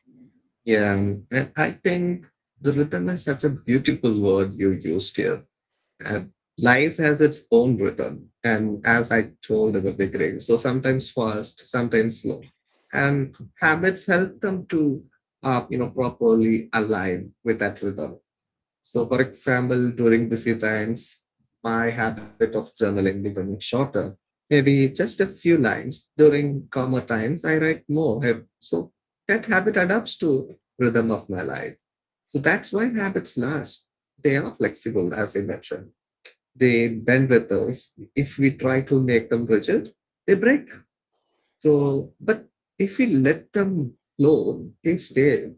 Yeah, and I think the rhythm is such a beautiful word you used here. And life has its own rhythm. And as I told in the beginning, so sometimes fast, sometimes slow. And habits help them to, properly align with that rhythm. So, for example, during busy times, my habit of journaling becomes shorter. Maybe just a few lines. During calmer times, I write more. So that habit adapts to rhythm of my life. So that's why habits last. They are flexible, as I mentioned they bend with us. If we try to make them rigid, they break. So, but if we let them flow, they stay.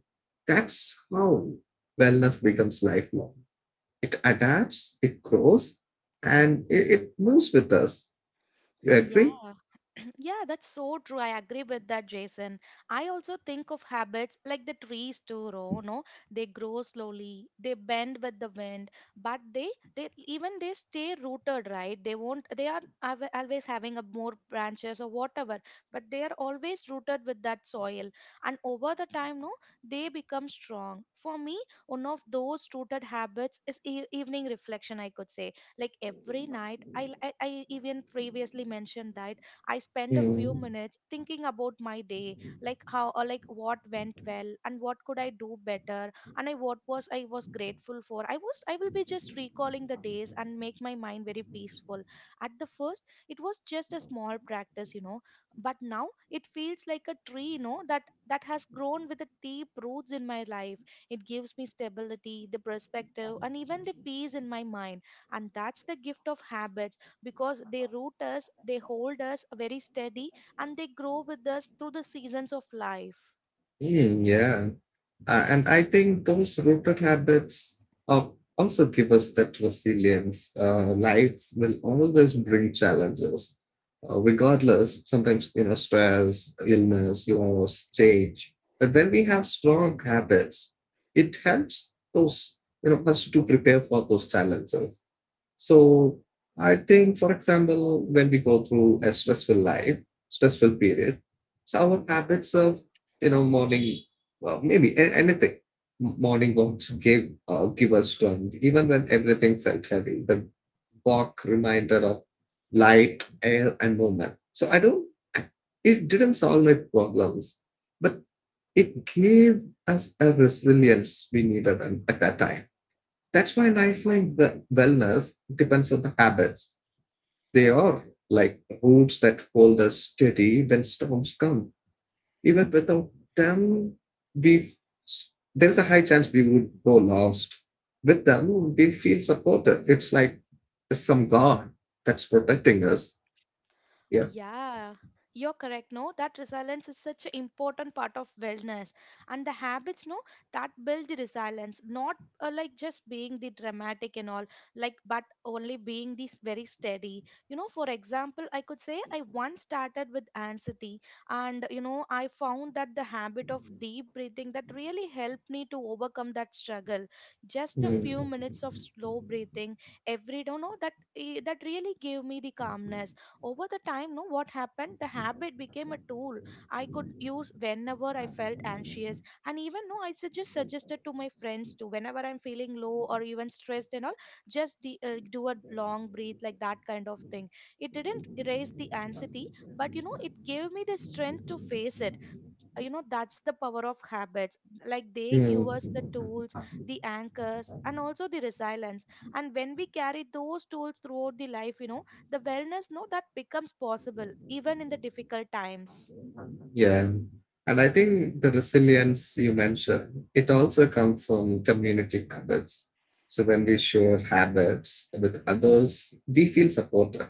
That's how wellness becomes lifelong. It adapts, it grows, and it moves with us. You Yeah. agree? Yeah, that's so true. I agree with that, Jason. I also think of habits like the trees too, Ro, no? They grow slowly, they bend with the wind, but they stay rooted, right? They won't They are always having a more branches or whatever, but they are always rooted with that soil. And over the time, no, they become strong. For me, one of those rooted habits is e evening reflection, I could say. Like every night I even previously mentioned that I spend a few Mm. minutes thinking about my day, like how or like what went well and what could I do better, and I was grateful for. I will be just recalling the days and make my mind very peaceful. At the first, it was just a small practice, you know, but now it feels like a tree, you know, that that has grown with the deep roots in my life. It gives me stability, the perspective, and even the peace in my mind. And that's the gift of habits, because they root us, they hold us very steady, and they grow with us through the seasons of life. Mm, yeah. And I think those rooted habits uh, also give us that resilience. Life will always bring challenges, regardless, sometimes, you know, stress, illness, loss, change. But when we have strong habits, it helps those, you know, us to prepare for those challenges. So I think, for example, when we go through a stressful period, so our habits of you know morning well, maybe anything. Morning walks gave give us strength, even when everything felt heavy. The walk reminded of light, air, and movement. So I don't. I- It didn't solve my problems, but it gave us a resilience we needed at that time. That's why lifelong wellness depends on the habits. They are like roots that hold us steady when storms come. Even without them, we there's a high chance we would go lost. With them, we feel supported. It's like there's some God that's protecting us. Yeah. Yeah, you're correct. No, that resilience is such an important part of wellness. And the habits, no, that build the resilience, not like just being the dramatic and all, like, but only being this very steady. You know, for example, I could say I once started with anxiety, and you know, I found that the habit of deep breathing that really helped me to overcome that struggle. Just a few Mm, minutes of slow breathing every day, no, that that really gave me the calmness. Over the time, no, what happened? The habit became a tool I could use whenever I felt anxious. And even no, I suggested to my friends too. Whenever I'm feeling low or even stressed and all, just do a long breathe, like that kind of thing. It didn't erase the anxiety, but you know, it gave me the strength to face it. That's the power of habits, like they give us the mm, tools, the anchors, and also the resilience. And when we carry those tools throughout the life, you know, the wellness, no, that becomes possible even in the difficult times. Yeah. And I think the resilience you mentioned, it also comes from community habits. So when we share habits with others, we feel supported.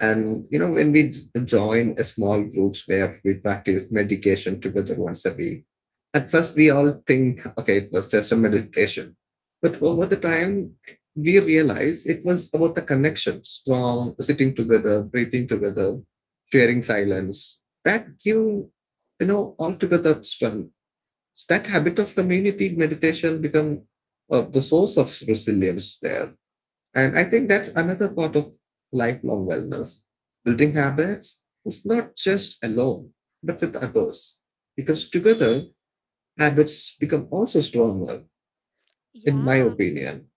And you know, when we join a small groups where we practice meditation together once a week, at first we all think, okay, it was just a meditation. But over the time, we realize it was about the connections from sitting together, breathing together, sharing silence. That give, you know, altogether strength. That habit of community meditation become the source of resilience there. And I think that's another part of lifelong wellness. Building habits is not just alone, but with others. Because together, habits become also stronger, in my Yeah, opinion.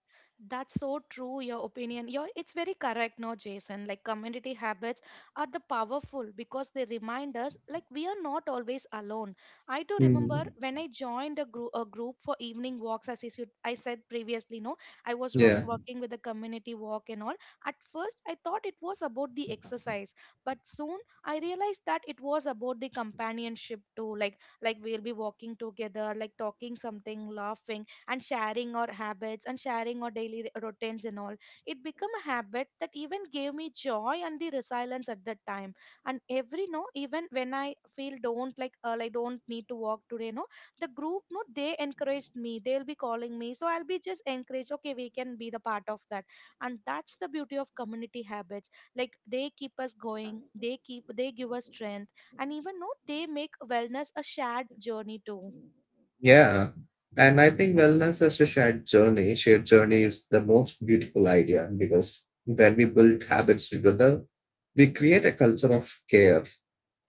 that's so true, your opinion. It's very correct, no, Jason. Like community habits are the powerful because they remind us like we are not always alone. I do remember Mm. when I joined a group for evening walks, as I said previously, no, I was Yeah. working with the community walk and all. At first, I thought it was about the exercise, but soon I realized that it was about the companionship too. Like we'll be walking together, like talking something, laughing, and sharing our habits, and sharing our daily routines and all. It became a habit that even gave me joy and the resilience at that time. And every no, even when I feel don't like, I don't need to walk today, no, the group, no, they encouraged me, they'll be calling me, so I'll be just encouraged, okay, we can be the part of that. And that's the beauty of community habits, like they keep us going, they give us strength. And even no, they make wellness a shared journey too. Yeah. And I think wellness as a shared journey is the most beautiful idea because when we build habits together, we create a culture of care.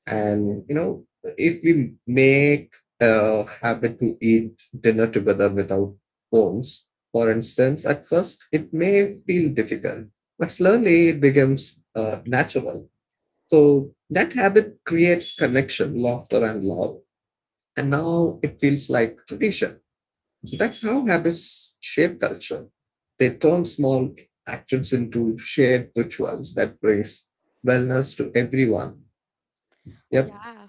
And you know, if we make a habit to eat dinner together without phones, for instance, at first it may feel difficult, but slowly it becomes natural. So that habit creates connection, laughter, and love. And now it feels like tradition. So that's how habits shape culture. They turn small actions into shared rituals that brings wellness to everyone. Yep. Yeah,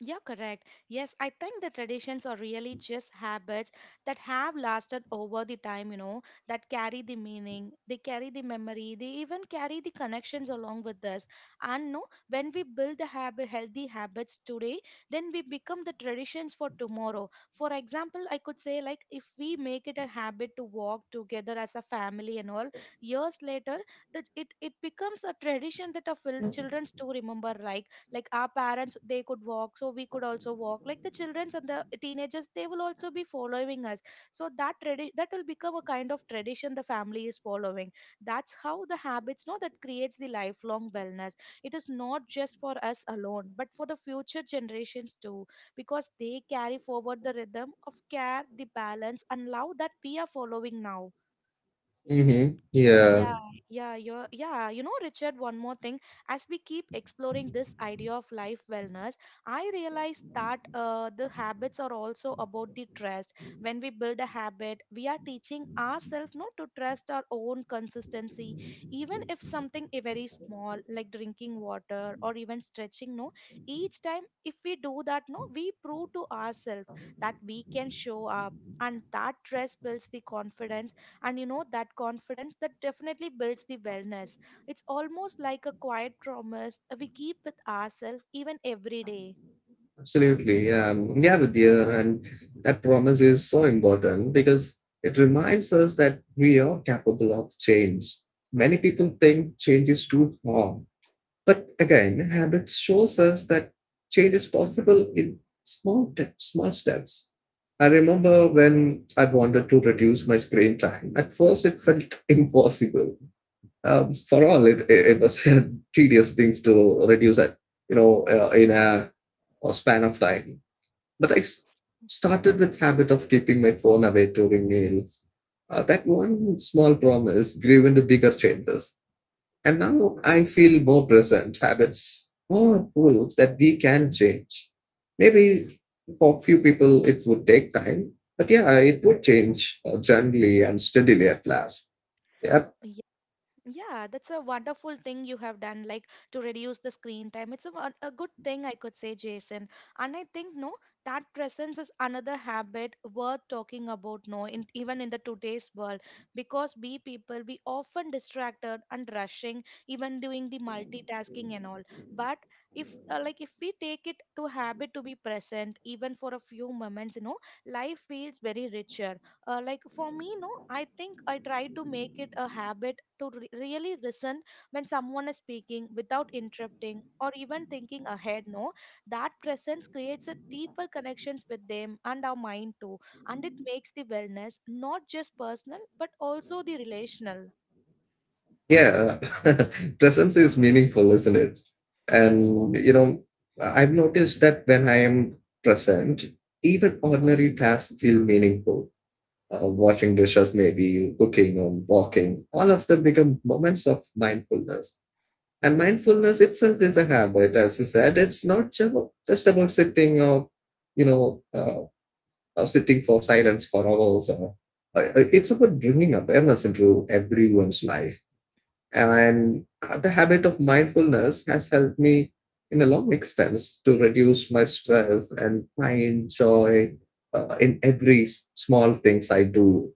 you're correct. Yes, I think the traditions are really just habits that have lasted over the time, you know, that carry the meaning, they carry the memory, they even carry the connections along with us. And no, when we build the habit, healthy habits today, then we become the traditions for tomorrow. For example, I could say, like, if we make it a habit to walk together as a family and all, years later, that it becomes a tradition that our children still remember, right? Like our parents, they could walk, so we could also walk, like the childrens and the teenagers, they will also be following us. So that that will become a kind of tradition the family is following. That's how the habits know that creates the lifelong wellness. It is not just for us alone, but for the future generations too, because they carry forward the rhythm of care, the balance, and love that we are following now. Mm-hmm. Yeah. Yeah, yeah, you're, yeah. You know, Richard, one more thing. As we keep exploring this idea of life wellness, I realized that the habits are also about the trust. When we build a habit, we are teaching ourselves not to trust our own consistency, even if something very small, like drinking water or even stretching. No, each time if we do that, no, we prove to ourselves that we can show up. And that trust builds the confidence. And you know, that confidence, that definitely builds the wellness. It's almost like a quiet promise we keep with ourselves even every day. Absolutely. Yeah, Vidya, and that promise is so important because it reminds us that we are capable of change. Many people think change is too hard, but again, habits shows us that change is possible in small steps. I remember when I wanted to reduce my screen time. At first, it felt impossible. For all, it was a tedious things to reduce that, you know, in a span of time but I started with habit of keeping my phone away during meals. That one small promise grew into bigger changes. And now I feel more present. Habits more proof that we can change. Maybe for few people it would take time, but yeah, it would change gently and steadily at last. Yeah, Yeah, that's a wonderful thing you have done, like to reduce the screen time. It's a, a good thing, I could say, Jason. And I think, no, that presence is another habit worth talking about, no, in, even in the today's world, because we people, we often distracted and rushing, even doing the multitasking and all. But if, like, if we take it to habit to be present, even for a few moments, you know, life feels very richer. Like for me, no, I think I try to make it a habit to really listen when someone is speaking without interrupting or even thinking ahead, no, that presence creates a deeper connections with them and our mind too. And it makes the wellness not just personal, but also the relational. yeah, presence is meaningful, isn't it? And you know, I've noticed that when I am present, even ordinary tasks feel meaningful. Washing dishes, maybe cooking or walking, all of them become moments of mindfulness. And mindfulness itself is a habit, as you said. It's not just about sitting you know, uh, or sitting for silence for hours. Or it's about bringing awareness into everyone's life. And the habit of mindfulness has helped me in a long extent to reduce my stress and find joy in every small things I do.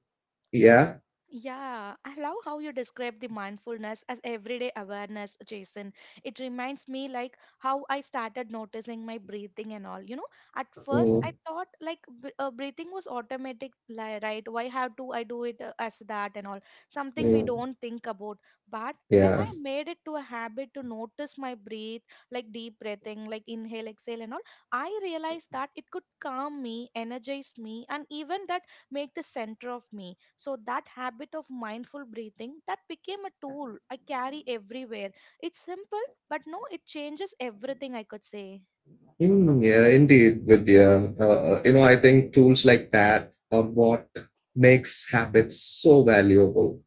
Yeah. Yeah, I love how you describe the mindfulness as everyday awareness, Jason. It reminds me like how I started noticing my breathing and all. You know, at first I Mm, thought like breathing was automatic, right? Why have to I do it as that and all? Something we mm, don't think about. But when yeah. I made it to a habit to notice my breathe, like deep breathing, like inhale, exhale and all, I realized that it could calm me, energize me, and even that make the center of me. So that habit of mindful breathing, that became a tool I carry everywhere. It's simple, but no, it changes everything, I could say. Hmm, yeah, indeed, Vidya. You know, I think tools like that are what makes habits so valuable.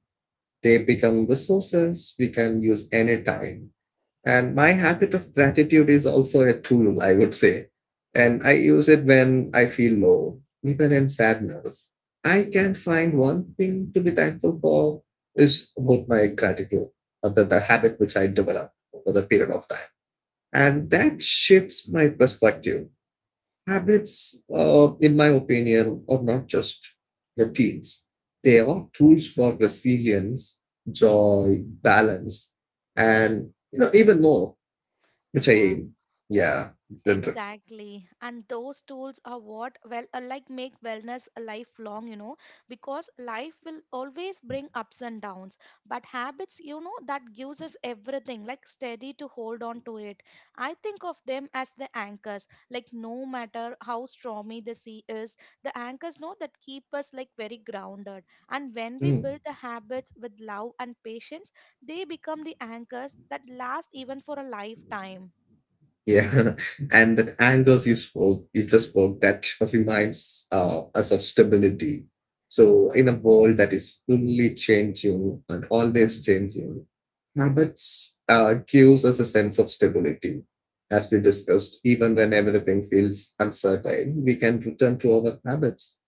They become resources we can use anytime. And my habit of gratitude is also a tool, I would say. And I use it when I feel low, even in sadness. I can find one thing to be thankful for is about my gratitude, the habit which I developed over the period of time. And that shifts my perspective. Habits, in my opinion, are not just routines. They are tools for resilience, joy, balance, and you know even more, which I Yeah, aim. Yeah, then- exactly. And those tools are what, well, like make wellness a lifelong, you know, because life will always bring ups and downs. But habits, you know, that gives us everything, like steady to hold on to it. I think of them as the anchors, like no matter how stormy the sea is, the anchors know that keep us like very grounded. And when we mm, build the habits with love and patience, they become the anchors that last even for a lifetime. Yeah, and that angles you just spoke that reminds us of stability. So, in a world that is fully changing and always changing, habits gives us a sense of stability. As we discussed, even when everything feels uncertain, we can return to our habits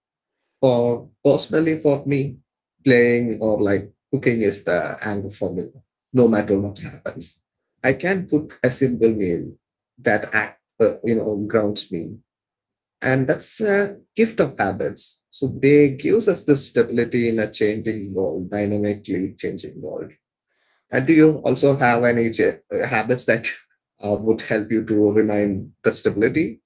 for personally for me, playing or like cooking is the anchor for me, no matter what happens. I can cook a simple meal that you know grounds me, and that's a gift of habits. So they gives us the stability in a changing world, dynamically changing world. And do Yeah. you also have any habits that would help you to remain the stability?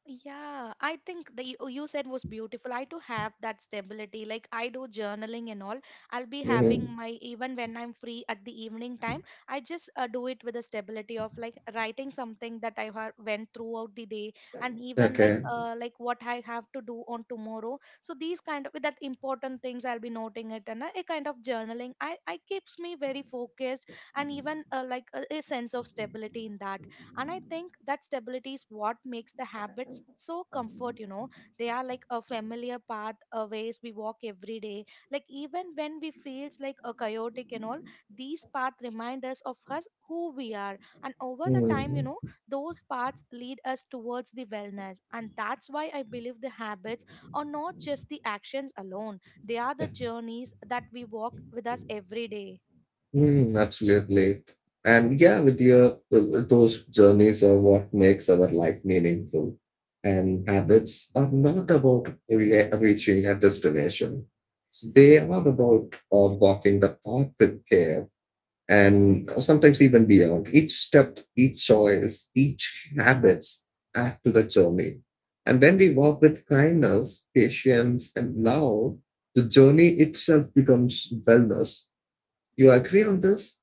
Yeah, I think the you oh, you said was beautiful. I too have that stability. Like I do journaling and all. I'll be having Mhm. my even when I'm free at the evening time. I just do it with the stability of like writing something that I have went throughout the day, and even Okay. Like what I have to do on tomorrow. So these kind of with that important things, I'll be noting it, and a kind of journaling. I keeps me very focused, and even like a sense of stability in that. And I think that stability is what makes the habits so comfort, you know, they are like a familiar path, a ways we walk every day. Like even when we feels like a chaotic and all, these paths remind us of us who we are. And over the time, you know, Mhm. those paths lead us towards the wellness. And that's why I believe the habits are not just the actions alone, they are the journeys that we walk with us every day. Mm, absolutely. And yeah, with your those journeys are what makes our life meaningful. And habits are not about reaching a destination. So they are about walking the path with care and sometimes even beyond. Each step, each choice, each habits add to the journey. And when we walk with kindness, patience, and love, the journey itself becomes wellness. You agree on this?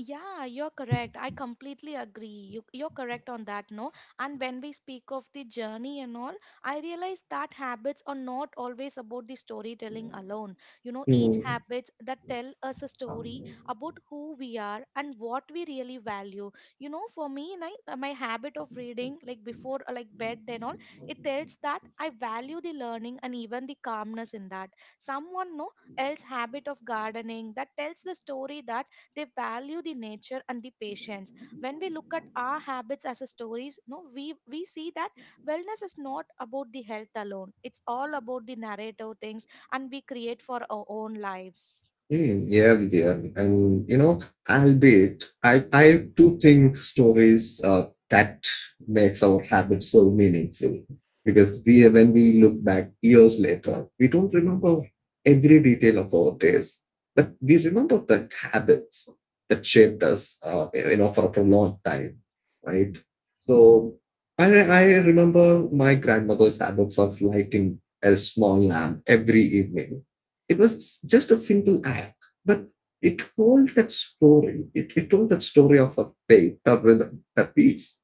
Yeah, you're correct. I completely agree. You, you're correct on that, no? And when we speak of the journey and all, I realize that habits are not always about the storytelling alone. You know, each Mm, habits that tell us a story about who we are and what we really value. You know, for me, and my habit of reading, like before, like bed and all, it tells that I value the learning and even the calmness in that. Someone, no, else habit of gardening that tells the story that they value the nature and the patience. When we look at our habits as a stories, no, we see that wellness is not about the health alone, it's all about the narrative things, and we create for our own lives. Yeah. And you know, albeit I do think stories that makes our habits so meaningful because we when we look back years later, we don't remember every detail of our days, but we remember the habits that shaped us, you know, for a prolonged time, right? So I remember my grandmother's habits of lighting a small lamp every evening. It was just a simple act, but it told that story. It told that story of a faith or rhythm, a piece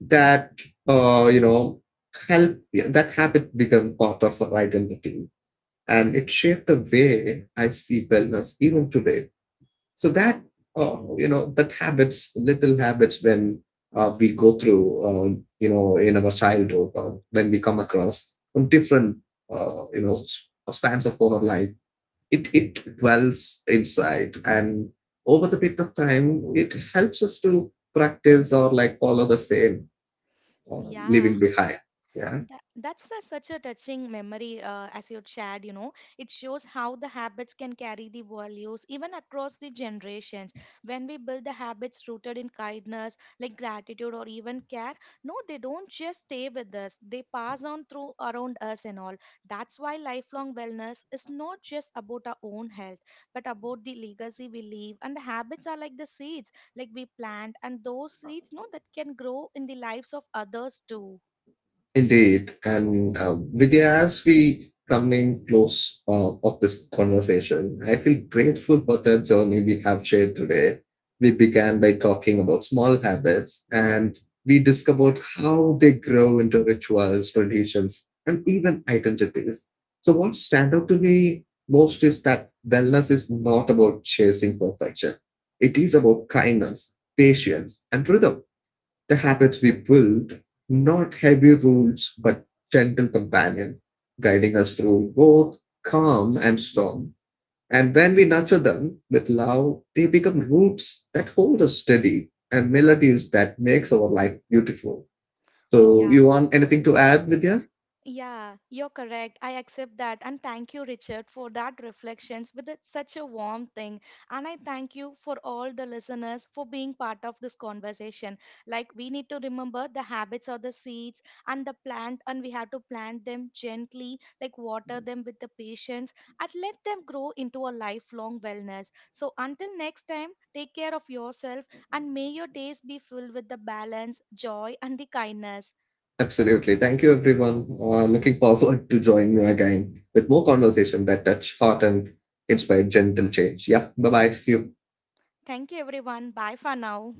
that, you know, help yeah, that habit become part of our identity. And it shaped the way I see wellness even today. So that, that habits, little habits when we go through, you know, in our childhood or when we come across from different, uh, you know, s- spans of our life it it dwells inside and over the bit of time it helps us to practice or like follow the same or Yeah, leaving behind. Yeah. that, that's a, such a touching memory, as you shared. You know, it shows how the habits can carry the values even across the generations. When we build the habits rooted in kindness, like gratitude or even care, no, they don't just stay with us. They pass on through around us and all. That's why lifelong wellness is not just about our own health, but about the legacy we leave. And the habits are like the seeds, like we plant, and those seeds, no, that can grow in the lives of others too. Indeed. And Vidya, as we coming close of this conversation, I feel grateful for the journey we have shared today. We began by talking about small habits and we discovered how they grow into rituals, traditions, and even identities. So, what stand out to me most is that wellness is not about chasing perfection, it is about kindness, patience, and rhythm the habits we build, not heavy rules, but gentle companion, guiding us through both calm and storm. And when we nurture them with love, they become roots that hold us steady and melodies that makes our life beautiful. So Yeah. you want anything to add, Vidya? Yeah, you're correct. I accept that. And thank you, Richard, for that reflections with such a warm thing. And I thank you for all the listeners for being part of this conversation. Like we need to remember the habits of the seeds and the plant, and we have to plant them gently, like water them with the patience, and let them grow into a lifelong wellness. So until next time, take care of yourself, and may your days be filled with the balance, joy, and the kindness. Absolutely. Thank you, everyone. Looking forward to join you again with more conversation that touch heart and inspire gentle change. Yeah. Bye bye. See you. Thank you, everyone. Bye for now.